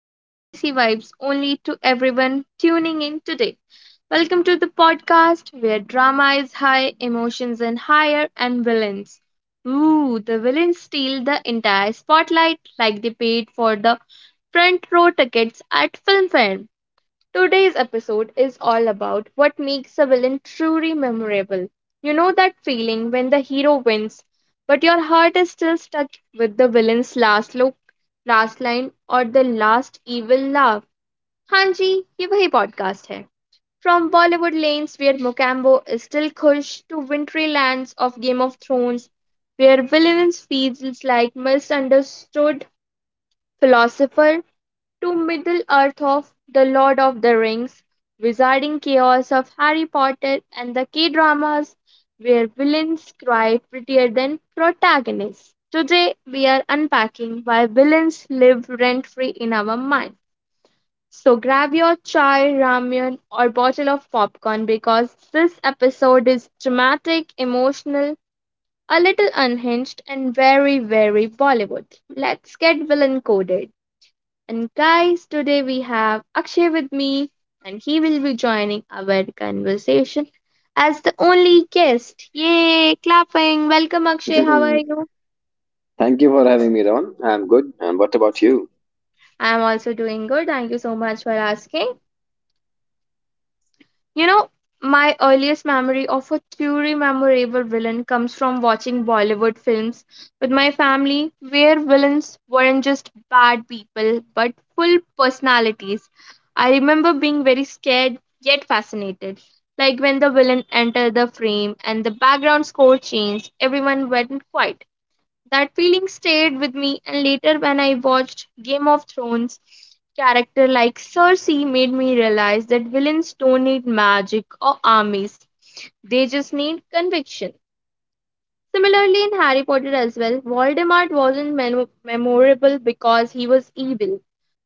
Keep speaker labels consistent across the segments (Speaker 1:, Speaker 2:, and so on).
Speaker 1: and Khaleesi vibes only to everyone tuning in today. Welcome to the podcast where drama is high, emotions and higher, and villains. Ooh, the villains steal the entire spotlight like they paid for the front row tickets at film fair. Today's episode is all about what makes a villain truly memorable. You know that feeling when the hero wins, but your heart is still stuck with the villain's last look, last line, or the last evil laugh. Hanji, ये वही podcast है. From Bollywood lanes where Mokambo is still Kush to wintry lands of Game of Thrones, where villains feels like misunderstood philosopher to Middle Earth of The Lord of the Rings, wizarding chaos of Harry Potter and the K dramas where villains cry prettier than protagonists. Today we are unpacking why villains live rent free in our mind. So grab your chai, ramen, or bottle of popcorn because this episode is dramatic, emotional, a little unhinged, and very, very Bollywood. Let's get villain coded. And guys, today we have Akshay with me, and he will be joining our conversation as the only guest. Yay! Clapping. Welcome, Akshay. How are
Speaker 2: Thank
Speaker 1: you?
Speaker 2: you for having me, Raman. I'm good. And what about you?
Speaker 1: I'm also doing good. Thank you so much for asking. You know, my earliest memory of a truly memorable villain comes from watching Bollywood films with my family, where villains weren't just bad people but full personalities. I remember being very scared yet fascinated. Like when the villain entered the frame and the background score changed, everyone went quiet. That feeling stayed with me, and later, when I watched Game of Thrones, character like Cersei made me realize that villains don't need magic or armies, they just need conviction. Similarly, in Harry Potter as well, Voldemort wasn't memorable because he was evil,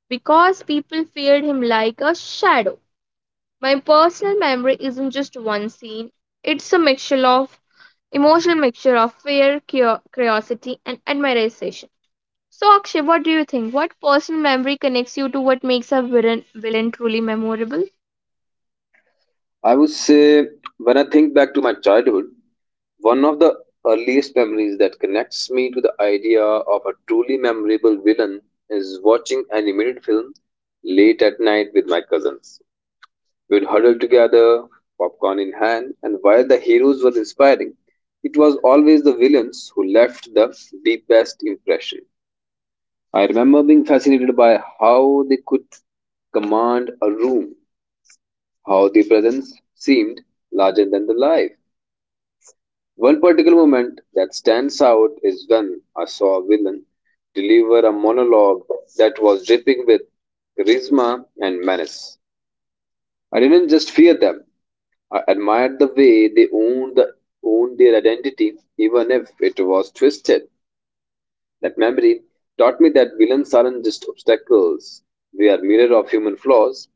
Speaker 1: because people feared him like a shadow. My personal memory isn't just one scene, it's a mixture of emotional mixture of fear, curiosity, and admiration. So, Akshay, what do you think? What personal memory connects you to what makes a villain truly memorable?
Speaker 2: I would say, when I think back to my childhood, one of the earliest memories that connects me to the idea of a truly memorable villain is watching animated film late at night with my cousins. We'd huddle together, popcorn in hand, and while the heroes were inspiring, it was always the villains who left the deepest impression. I remember being fascinated by how they could command a room, how their presence seemed larger than the life. One particular moment that stands out is when I saw a villain deliver a monologue that was dripping with charisma and menace. I didn't just fear them, I admired the way they owned their identity, even if it was twisted. That memory taught me that villains aren't just obstacles, they are mirror of human flaws,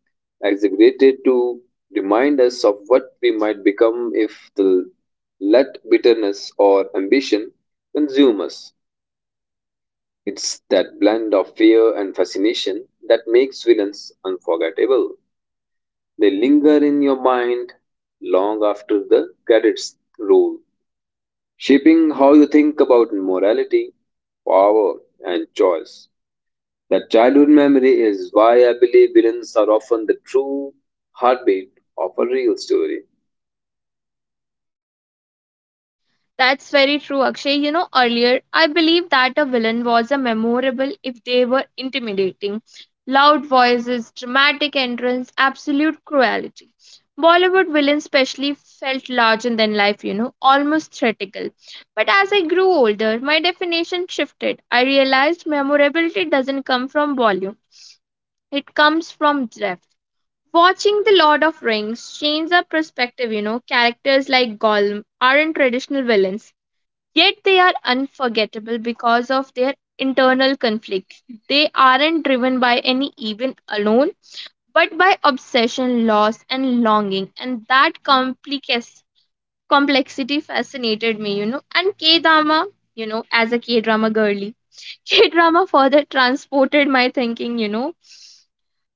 Speaker 2: exaggerated to remind us of what we might become if the let bitterness or ambition consume us. It's that blend of fear and fascination that makes villains unforgettable. They linger in your mind long after the credits roll, shaping how you think about morality, power, and choice. That childhood memory is why I believe villains are often the true heartbeat of a real story.
Speaker 1: That's very true, Akshay. You know, earlier I believed that a villain was a memorable if they were intimidating. Loud voices, dramatic entrance, absolute cruelty. Bollywood villains, especially, felt larger than life, you know, almost theatrical. But as I grew older, my definition shifted. I realized memorability doesn't come from volume, it comes from depth. Watching The Lord of Rings changed our perspective, you know. Characters like Gollum aren't traditional villains, yet they are unforgettable because of their internal conflicts. They aren't driven by any evil alone, but by obsession, loss, and longing. And that complexity fascinated me, you know. And K drama, you know, as a K drama girly. K drama further transported my thinking, you know.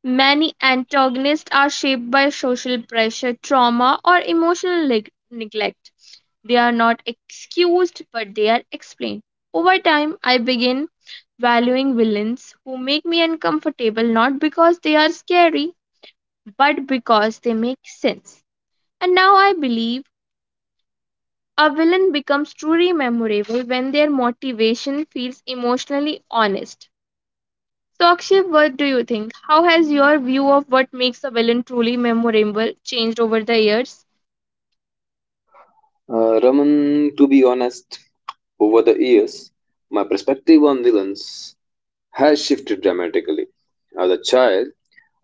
Speaker 1: Many antagonists are shaped by social pressure, trauma, or emotional neglect. They are not excused, but they are explained. Over time, I begin valuing villains who make me uncomfortable not because they are scary, but because they make sense. And now I believe a villain becomes truly memorable when their motivation feels emotionally honest. So, Akshay, what do you think? How has your view of what makes a villain truly memorable changed over the years?
Speaker 2: Raman, to be honest, over the years, my perspective on villains has shifted dramatically. As a child,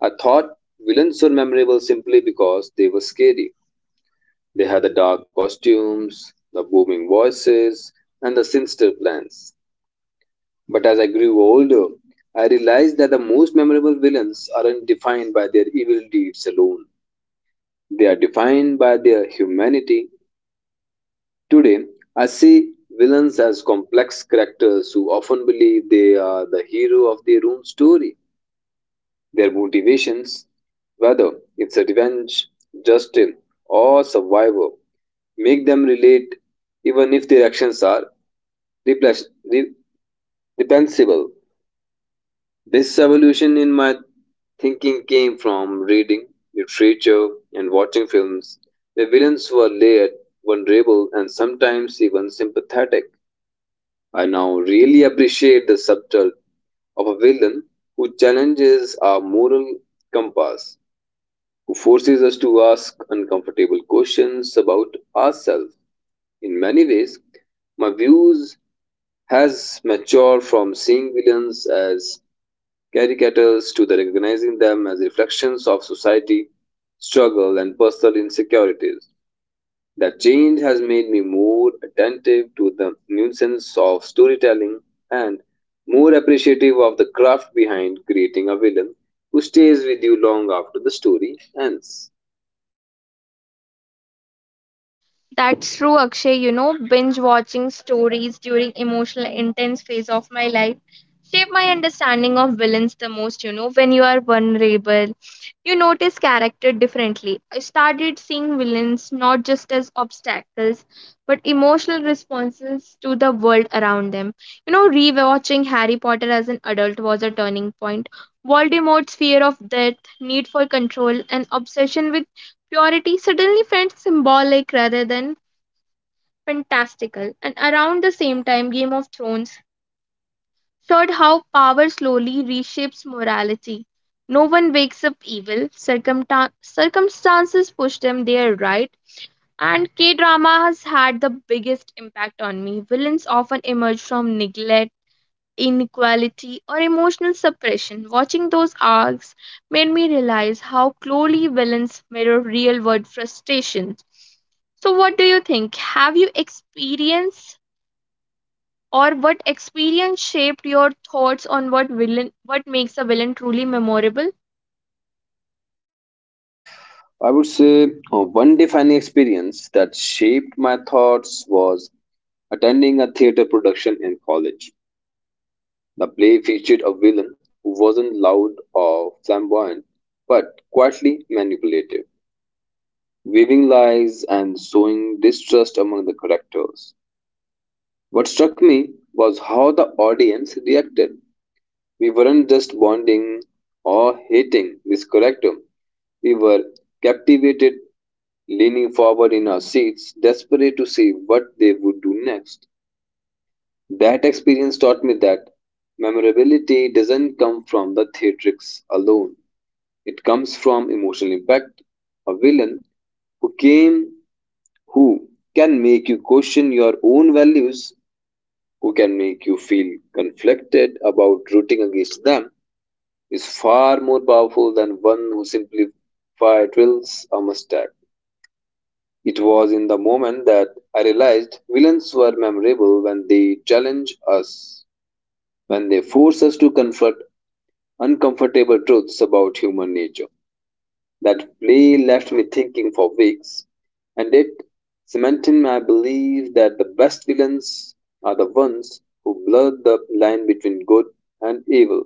Speaker 2: I thought villains were memorable simply because they were scary. They had the dark costumes, the booming voices, and the sinister plans. But as I grew older, I realized that the most memorable villains aren't defined by their evil deeds alone. They are defined by their humanity. Today, I see villains as complex characters who often believe they are the hero of their own story. Their motivations, whether it's a revenge, justice, or survival, make them relate even if their actions are repres- re- reprehensible. This evolution in my thinking came from reading literature and watching films where villains were layered, vulnerable, and sometimes even sympathetic. I now really appreciate the subtle of a villain who challenges our moral compass, who forces us to ask uncomfortable questions about ourselves. In many ways, my views has matured from seeing villains as caricatures to the recognizing them as reflections of society, struggle, and personal insecurities. That change has made me more attentive to the nuisance of storytelling and more appreciative of the craft behind creating a villain who stays with you long after the story ends.
Speaker 1: That's true, Akshay. You know, binge watching stories during emotional intense phase of my life shape my understanding of villains the most. You know, when you are vulnerable, you notice character differently. I started seeing villains not just as obstacles, but emotional responses to the world around them. You know, rewatching Harry Potter as an adult was a turning point. Voldemort's fear of death, need for control, and obsession with purity suddenly felt symbolic rather than fantastical, and around the same time, Game of Thrones showed how power slowly reshapes morality. No one wakes up evil, circumstances push them there, right? And K drama has had the biggest impact on me. Villains often emerge from neglect, inequality, or emotional suppression. Watching those arcs made me realize how closely villains mirror real world frustrations. So, what do you think? Have you experienced or what experience shaped your thoughts on what makes a villain truly memorable?
Speaker 2: I would say one defining experience that shaped my thoughts was attending a theater production in college. The play featured a villain who wasn't loud or flamboyant, but quietly manipulative, weaving lies and sowing distrust among the characters. What struck me was how the audience reacted. We weren't just bonding or hating this character, we were captivated, leaning forward in our seats, desperate to see what they would do next. That experience taught me that memorability doesn't come from the theatrics alone. It comes from emotional impact. A villain who came who can make you question your own values, who can make you feel conflicted about rooting against them, is far more powerful than one who simply fire drills a mustache. It was in the moment that I realized villains were memorable when they challenge us, when they force us to confront uncomfortable truths about human nature. That play left me thinking for weeks, and it cemented my belief that the best villains are the ones who blur the line between good and evil,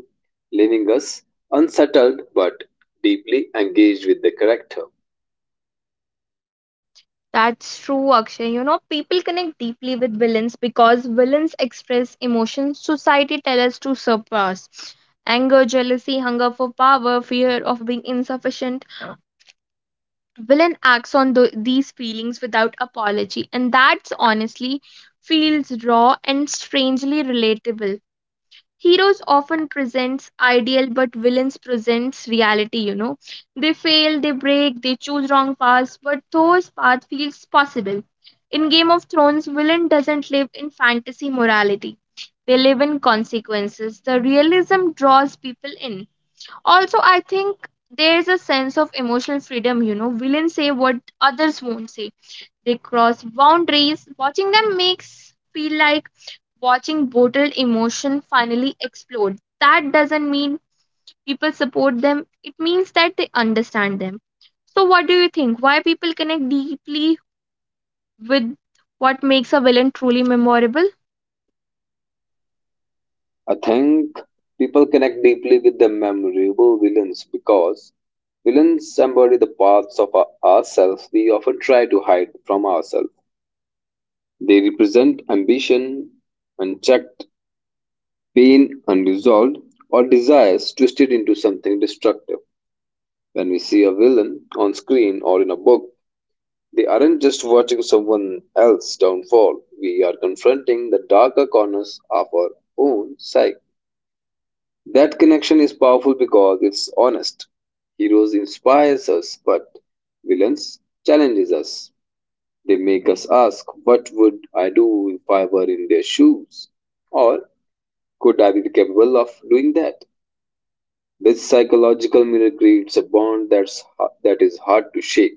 Speaker 2: leaving us unsettled but deeply engaged with the character.
Speaker 1: That's true, Akshay. You know, people connect deeply with villains because villains express emotions society tells us to suppress. Anger, jealousy, hunger for power, fear of being insufficient. Villain acts on these feelings without apology, and that's honestly feels raw and strangely relatable. Heroes often presents ideal, but villains presents reality, you know. They fail, they break, they choose wrong paths, but those path feels possible. In Game of Thrones, villain doesn't live in fantasy morality, they live in consequences. The realism draws people in. Also, I think there's a sense of emotional freedom. You know, villains say what others won't say. They cross boundaries. Watching them makes feel like watching bottled emotion finally explode. That doesn't mean people support them, it means that they understand them. So, what do you think? Why people connect deeply with what makes a villain truly memorable?
Speaker 2: I think people connect deeply with the memorable villains because villains embody the parts of ourselves we often try to hide from ourselves. They represent ambition, unchecked pain unresolved, or desires twisted into something destructive. When we see a villain on screen or in a book, they aren't just watching someone else's downfall. We are confronting the darker corners of our own psyche. That connection is powerful because it's honest. Heroes inspires us, but villains challenges us. They make us ask, what would I do if I were in their shoes? Or could I be capable of doing that? This psychological mirror creates a bond that is hard to shake.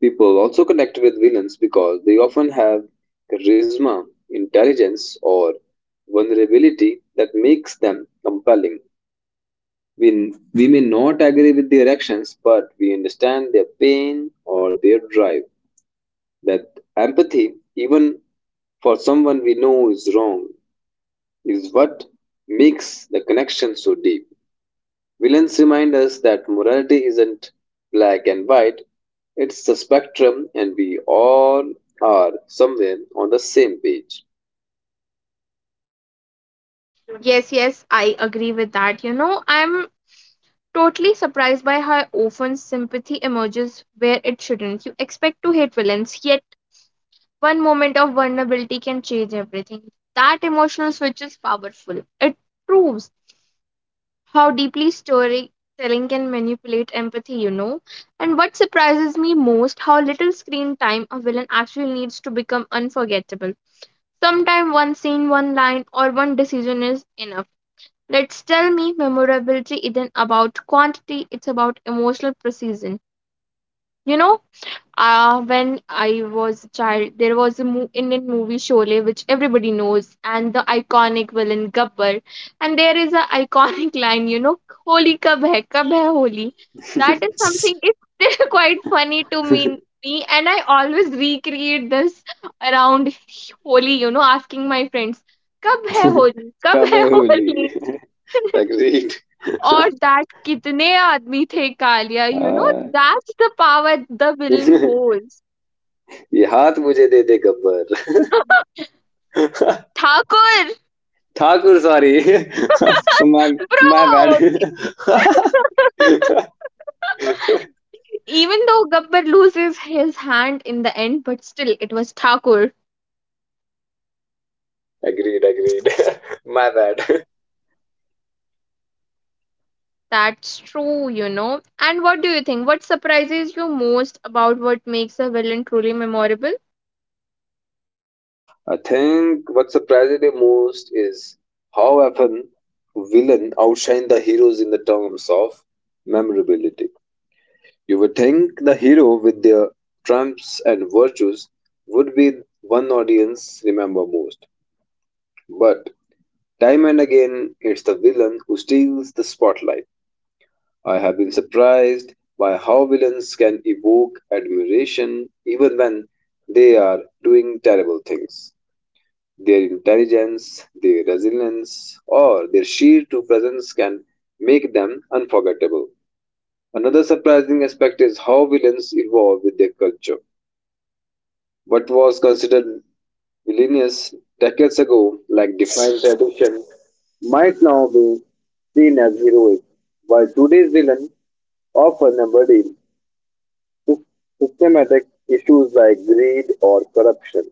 Speaker 2: People also connect with villains because they often have charisma, intelligence, or vulnerability that makes them compelling. We may not agree with their actions, but we understand their pain or their drive. That empathy, even for someone we know is wrong, is what makes the connection so deep. Villains remind us that morality isn't black and white, it's the spectrum, and we all are somewhere on the same page.
Speaker 1: Yes, yes, I agree with that. You know, I'm totally surprised by how often sympathy emerges where it shouldn't. You expect to hate villains, yet one moment of vulnerability can change everything. That emotional switch is powerful. It proves how deeply storytelling can manipulate empathy, you know. And what surprises me most, how little screen time a villain actually needs to become unforgettable. Sometimes one scene, one line, or one decision is enough. Let's tell me memorability isn't about quantity, it's about emotional precision. You know, when I was a child, there was a Indian movie Sholay, which everybody knows, and the iconic villain Gabbar. And there is a iconic line, you know, Holi kab hai Holi. That is something, it's still quite funny to me, and I always recreate this around Holi, you know, asking my friends, Kab hai Holi, kab hai
Speaker 2: कबे Holi
Speaker 1: Holi.
Speaker 2: agreed
Speaker 1: Or that kitne aadmi the kalia, you know,
Speaker 2: हाँ।
Speaker 1: that's the power the villain holds.
Speaker 2: ये हाथ मुझे दे दे Gabbar
Speaker 1: Thakur,
Speaker 2: Thakur sorry So my
Speaker 1: bro.
Speaker 2: bad.
Speaker 1: Even though Gabbar loses his hand in the end, but still it was Thakur.
Speaker 2: Agreed, agreed. My bad.
Speaker 1: That's true, you know. And what do you think? What surprises you most about what makes a villain truly memorable?
Speaker 2: I think what surprised me most is how often villain outshine the heroes in the terms of memorability. You would think the hero with their trumps and virtues would be one audience remember most. But time and again it's the villain who steals the spotlight. I have been surprised by how villains can evoke admiration even when they are doing terrible things. Their intelligence, their resilience, or their sheer to presence can make them unforgettable. Another surprising aspect is how villains evolve with their culture. What was considered villainous decades ago, like defined tradition, might now be seen as heroic, while today's villain often systematic issues like greed or corruption.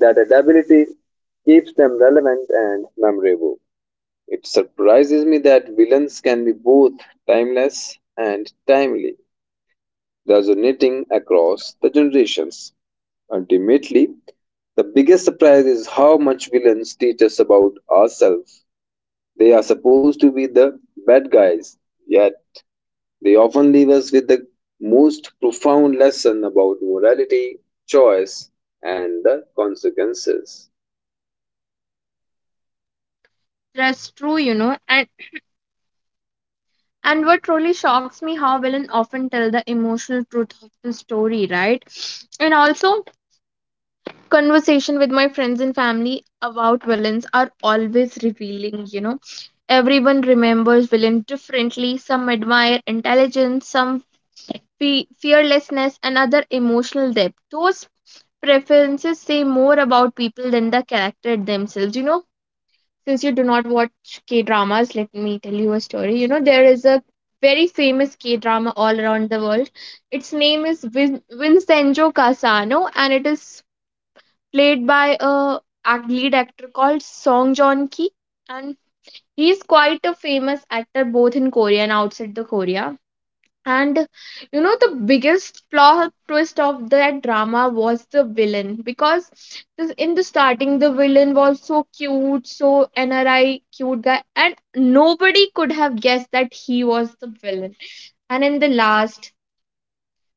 Speaker 2: That adaptability keeps them relevant and memorable. It surprises me that villains can be both timeless and timely, resonating across the generations. Ultimately, the biggest surprise is how much villains teach us about ourselves. They are supposed to be the bad guys, yet they often leave us with the most profound lesson about morality, choice, and the consequences.
Speaker 1: That's true, you know. And what truly shocks me how villain often tell the emotional truth of the story, right? And also conversation with my friends and family about villains are always revealing, you know. Everyone remembers villain differently. Some admire intelligence, some fearlessness, and other emotional depth. Those preferences say more about people than the character themselves. You know, since you do not watch K dramas, let me tell you a story. You know, there is a very famous K drama all around the world. Its name is Vincenzo Casano, and it is played by a lead actor called Song Joong Ki, and he is quite a famous actor both in Korea and outside the Korea. And you know the biggest plot twist of that drama was the villain because this- in the starting the villain was so cute, so NRI cute guy, and nobody could have guessed that he was the villain. And in the last,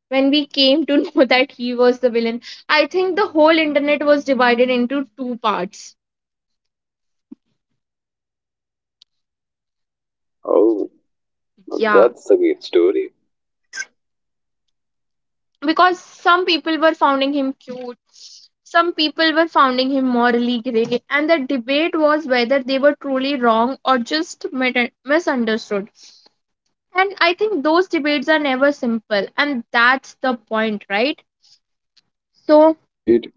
Speaker 1: when we came to know that he was the villain, I think the whole internet was divided into two parts.
Speaker 2: Oh, now
Speaker 1: Yeah,
Speaker 2: that's a great story.
Speaker 1: because some people were finding him cute, some people were finding him morally grey, and the debate was whether they were truly wrong or just misunderstood. And I think those debates are never simple, and that's the point, right? So,
Speaker 2: Agreed.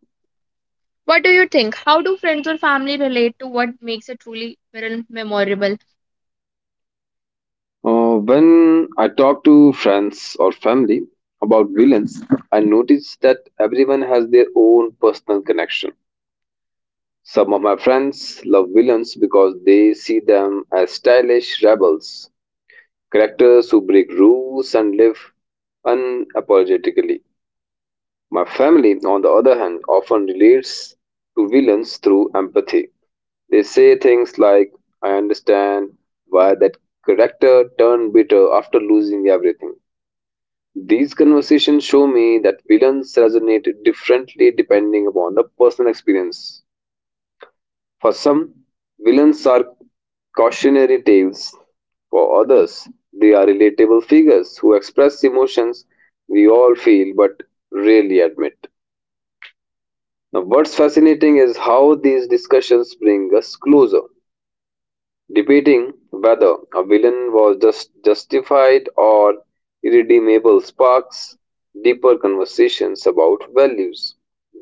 Speaker 1: what do you think? How do friends or family relate to what makes a truly memorable?
Speaker 2: When I talk to friends or family about villains, I notice that everyone has their own personal connection. Some of my friends love villains because they see them as stylish rebels, characters who break rules and live unapologetically. My family, on the other hand, often relates to villains through empathy. They say things like, I understand why that character turned bitter after losing everything. These conversations show me that villains resonate differently depending upon the personal experience. For some, villains are cautionary tales. For others, they are relatable figures who express emotions we all feel but rarely admit. Now, what's fascinating is how these discussions bring us closer. Debating whether a villain was just justified or irredeemable sparks deeper conversations about values,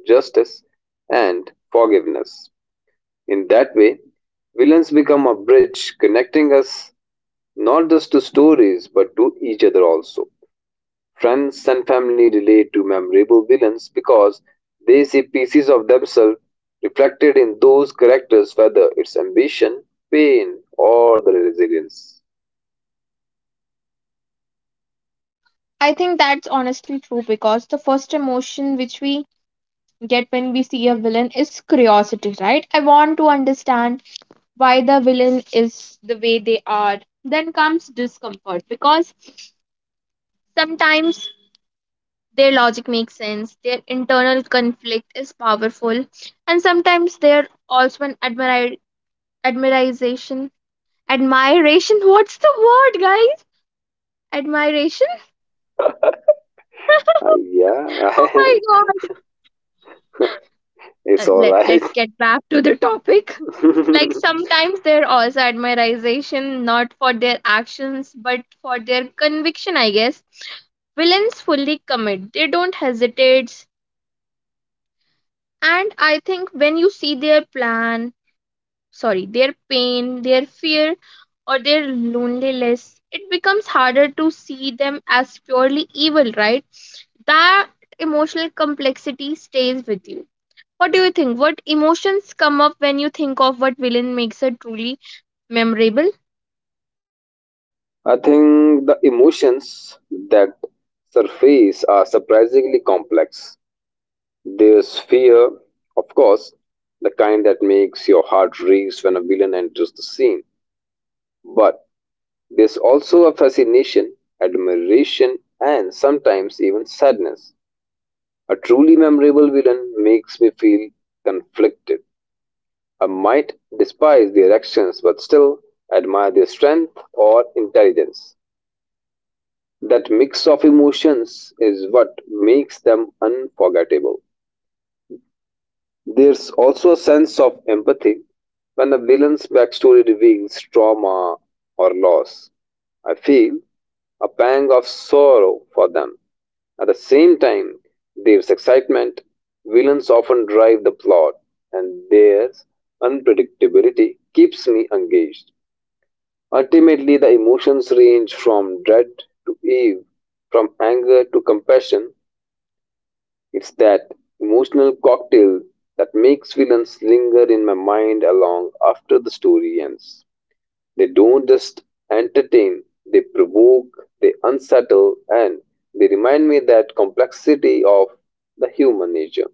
Speaker 2: justice, and forgiveness. In that way, villains become a bridge connecting us not just to stories but to each other also. Friends and family relate to memorable villains because they see pieces of themselves reflected in those characters, whether it's ambition, pain, or the resilience.
Speaker 1: I think that's honestly true because the first emotion which we get when we see a villain is curiosity, right? I want to understand why the villain is the way they are. Then comes discomfort because sometimes their logic makes sense, their internal conflict is powerful, and sometimes they're also an admiration. Admiration? What's the word, guys? Admiration?
Speaker 2: Yeah,
Speaker 1: Oh my god.
Speaker 2: it's
Speaker 1: Uh, let,
Speaker 2: alright.
Speaker 1: let's get back to the topic. Like sometimes they're also admiration not for their actions but for their conviction, I guess. Villains fully commit, they don't hesitate. And I think when you see their plan, sorry, their pain, their fear, or their loneliness, it becomes harder to see them as purely evil, right? That emotional complexity stays with you. What do you think? What emotions come up when you think of what villain makes a truly memorable?
Speaker 2: I think the emotions that surface are surprisingly complex. There's fear, of course, the kind that makes your heart race when a villain enters the scene. But there's also a fascination, admiration, and sometimes even sadness. A truly memorable villain makes me feel conflicted. I might despise their actions but still admire their strength or intelligence. That mix of emotions is what makes them unforgettable. There's also a sense of empathy when the villain's backstory reveals trauma or loss. I feel a pang of sorrow for them. At the same time, there's excitement, villains often drive the plot, and their unpredictability keeps me engaged. Ultimately, the emotions range from dread to awe, from anger to compassion. It's that emotional cocktail that makes villains linger in my mind long after the story ends. They don't just entertain, they provoke, they unsettle, and they remind me that complexity of the human nature.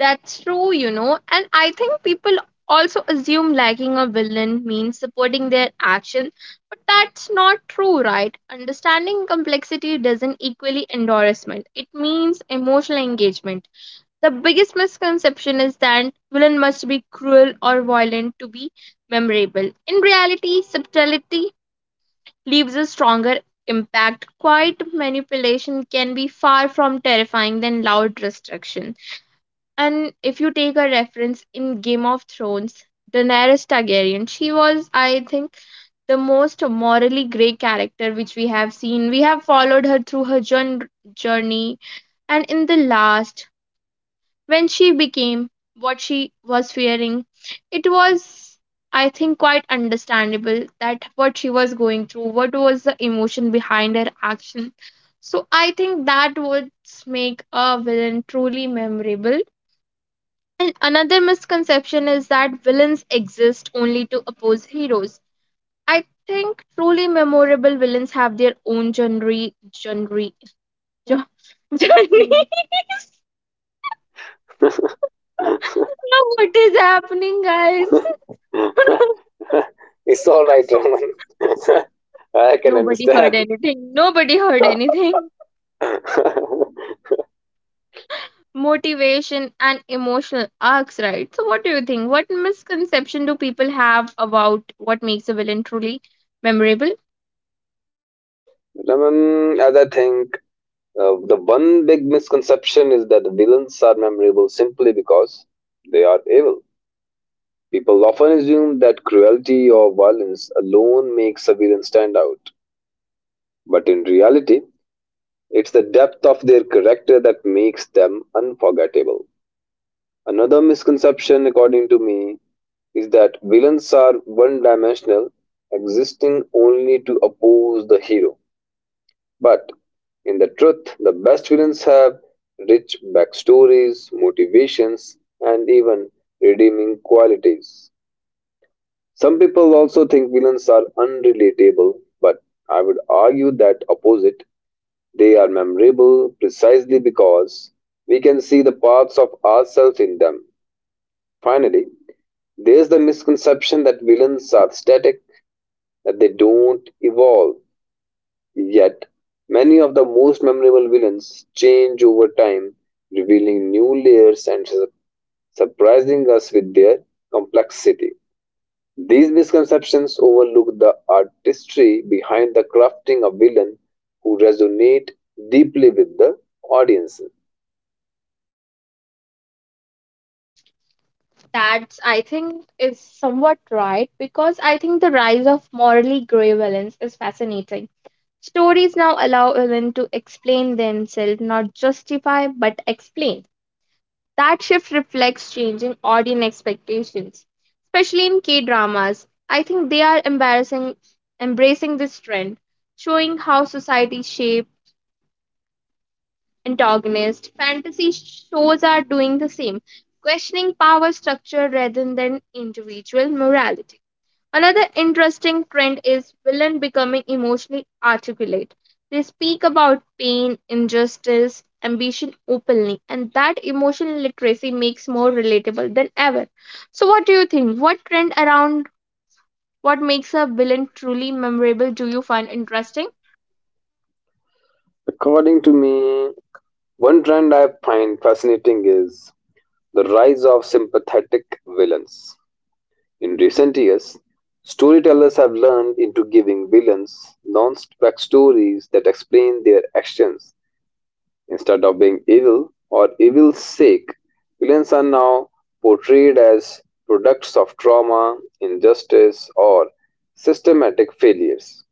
Speaker 1: That's true, you know, and I think people also assume liking a villain means supporting their action, but that's not true, right? Understanding complexity doesn't equally endorsement, it means emotional engagement. The biggest misconception is that villain must be cruel or violent to be memorable. In reality, subtlety leaves a stronger impact. Quiet manipulation can be far from terrifying than loud destruction. And if you take a reference in Game of Thrones, Daenerys Targaryen, she was, I think, the most morally grey character which we have seen. We have followed her through her journey, and in the last, when she became what she was fearing, it was, I think, quite understandable that what she was going through, what was the emotion behind her action. So I think that would make a villain truly memorable, and another misconception is that villains exist only to oppose heroes. I think truly memorable villains have their own genre, jo- journey. Now what is happening, guys?
Speaker 2: It's all right, Raman. I can
Speaker 1: Nobody heard
Speaker 2: understand.
Speaker 1: anything. Nobody heard anything. Motivation and emotional arcs, right? So, what do you think? What misconception do people have about what makes a villain truly memorable?
Speaker 2: Raman, as I think, the one big misconception is that the villains are memorable simply because they are evil. People often assume that cruelty or violence alone makes a villain stand out. But in reality, it's the depth of their character that makes them unforgettable. Another misconception, according to me, is that villains are one dimensional, existing only to oppose the hero. But in the truth, the best villains have rich backstories, motivations, and even redeeming qualities. Some people also think villains are unrelatable, but I would argue that opposite. They are memorable precisely because we can see the parts of ourselves in them. Finally, there's the misconception that villains are static, that they don't evolve. Yet, many of the most memorable villains change over time, revealing new layers and surprising us with their complexity. These misconceptions overlook the artistry behind the crafting of villain who resonate deeply with the audience.
Speaker 1: That's, I think, is somewhat right because I think the rise of morally grey villains is fascinating. Stories now allow villains to explain themselves, not justify, but explain. That shift reflects changing audience expectations, especially in K dramas. I think they are embracing this trend, showing how society shape antagonists. Fantasy shows are doing the same, questioning power structure rather than individual morality. Another interesting trend is villain becoming emotionally articulate. They speak about pain, injustice, ambition openly, and that emotional literacy makes more relatable than ever. So what do you think? What trend around what makes a villain truly memorable do you find interesting?
Speaker 2: According to me, one trend I find fascinating is the rise of sympathetic villains. In recent years, storytellers have learned into giving villains non-spec stories that explain their actions instead of being evil or evil's sake. Villains are now portrayed as products of trauma, injustice, or systematic failures.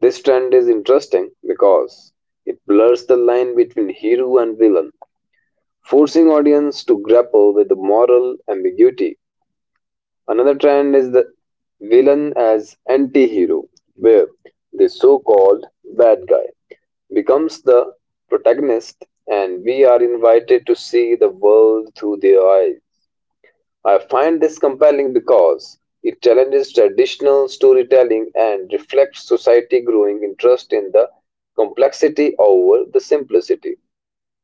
Speaker 2: This trend is interesting because it blurs the line between hero and villain, forcing audience to grapple with the moral ambiguity. Another trend is the villain as anti-hero, where the so-called bad guy becomes the protagonist and we are invited to see the world through their eyes. I find this compelling because it challenges traditional storytelling and reflects society growing interest in the complexity over the simplicity.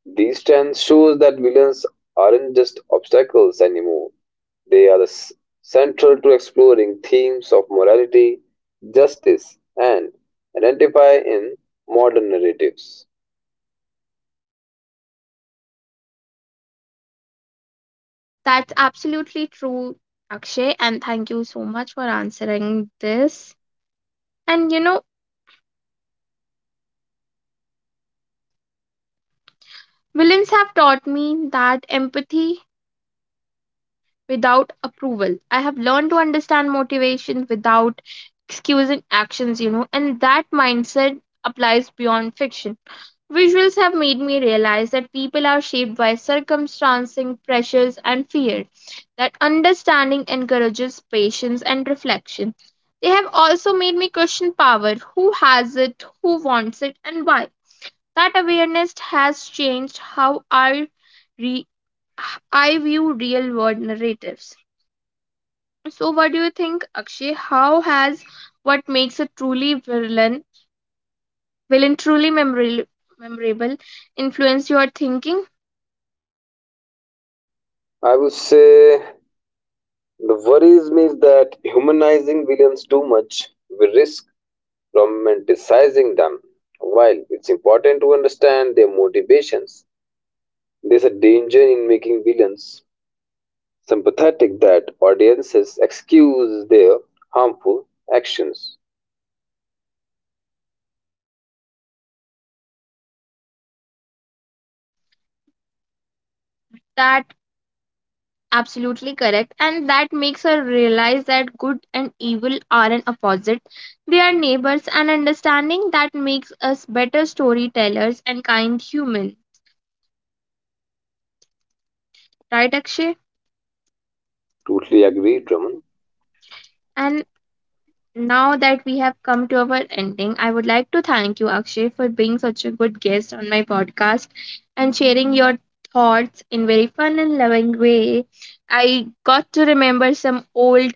Speaker 2: These trends shows that villains aren't just obstacles anymore. They are central to exploring themes of morality, justice, and identify in modern narratives.
Speaker 1: That's absolutely true, Akshay, and thank you so much for answering this. And you know, villains have taught me that empathy without approval. I have learned to understand motivation without excusing actions, you know, and that mindset applies beyond fiction. Visuals have made me realize that people are shaped by circumstances, pressures, and fears. That understanding encourages patience and reflection. They have also made me question power, who has it, who wants it, and why. That awareness has changed how re- I view real world narratives. So, what do you think, Akshay? How has what makes a truly villain, villain truly memorable, memorable, influence your thinking?
Speaker 2: I would say the worries me is that humanizing villains too much, we risk romanticizing them. While it's important to understand their motivations, there's a danger in making villains sympathetic that audiences excuse their harmful actions.
Speaker 1: That absolutely correct, and that makes her realize that good and evil aren't opposite; they are neighbors. And understanding that makes us better storytellers and kind human. Right, Akshay?
Speaker 2: Totally agree, Drummond.
Speaker 1: And now that we have come to our ending, I would like to thank you, Akshay, for being such a good guest on my podcast and sharing your thoughts in very fun and loving way. I got to remember some old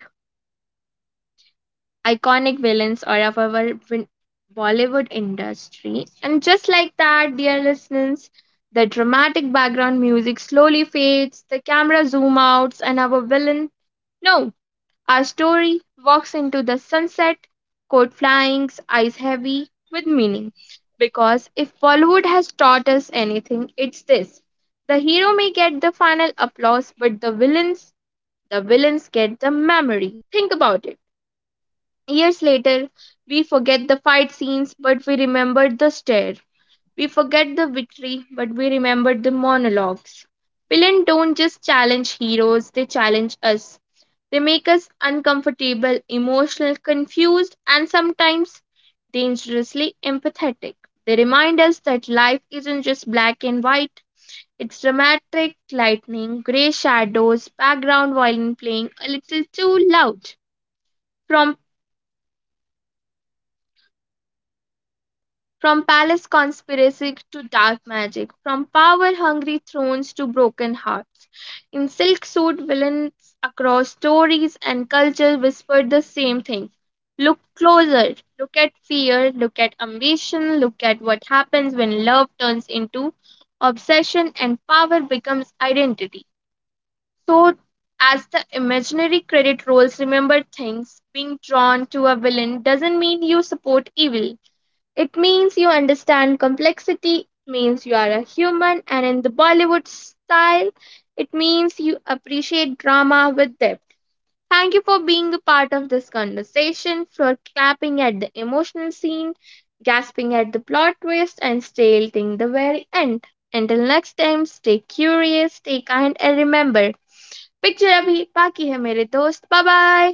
Speaker 1: iconic villains or of our Bollywood industry. And just like that, dear listeners, the dramatic background music slowly fades, the camera zoom outs, and our villain, no, our story walks into the sunset, coat flying, eyes heavy with meaning. Because if Bollywood has taught us anything, it's this. The hero may get the final applause, but the villains get the memory. Think about it. Years later, we forget the fight scenes, but we remember the stare. We forget the victory, but we remember the monologues. Villains don't just challenge heroes, they challenge us. They make us uncomfortable, emotional, confused, and sometimes dangerously empathetic. They remind us that life isn't just black and white. It's dramatic lightning, grey shadows, background violin playing a little too loud. From From palace conspiracy to dark magic, from power hungry thrones to broken hearts. In silk suit, villains across stories and culture whispered the same thing. Look closer, look at fear, look at ambition, look at what happens when love turns into obsession and power becomes identity. So, as the imaginary credit rolls, remember things being drawn to a villain doesn't mean you support evil, it means you understand complexity, it means you are a human, and in the Bollywood style, it means you appreciate drama with depth. Thank you for being a part of this conversation, for clapping at the emotional scene, gasping at the plot twist, and staying till the very end. Until next time, stay curious, stay kind, and remember, picture abhi baki hai mere dost. Bye bye.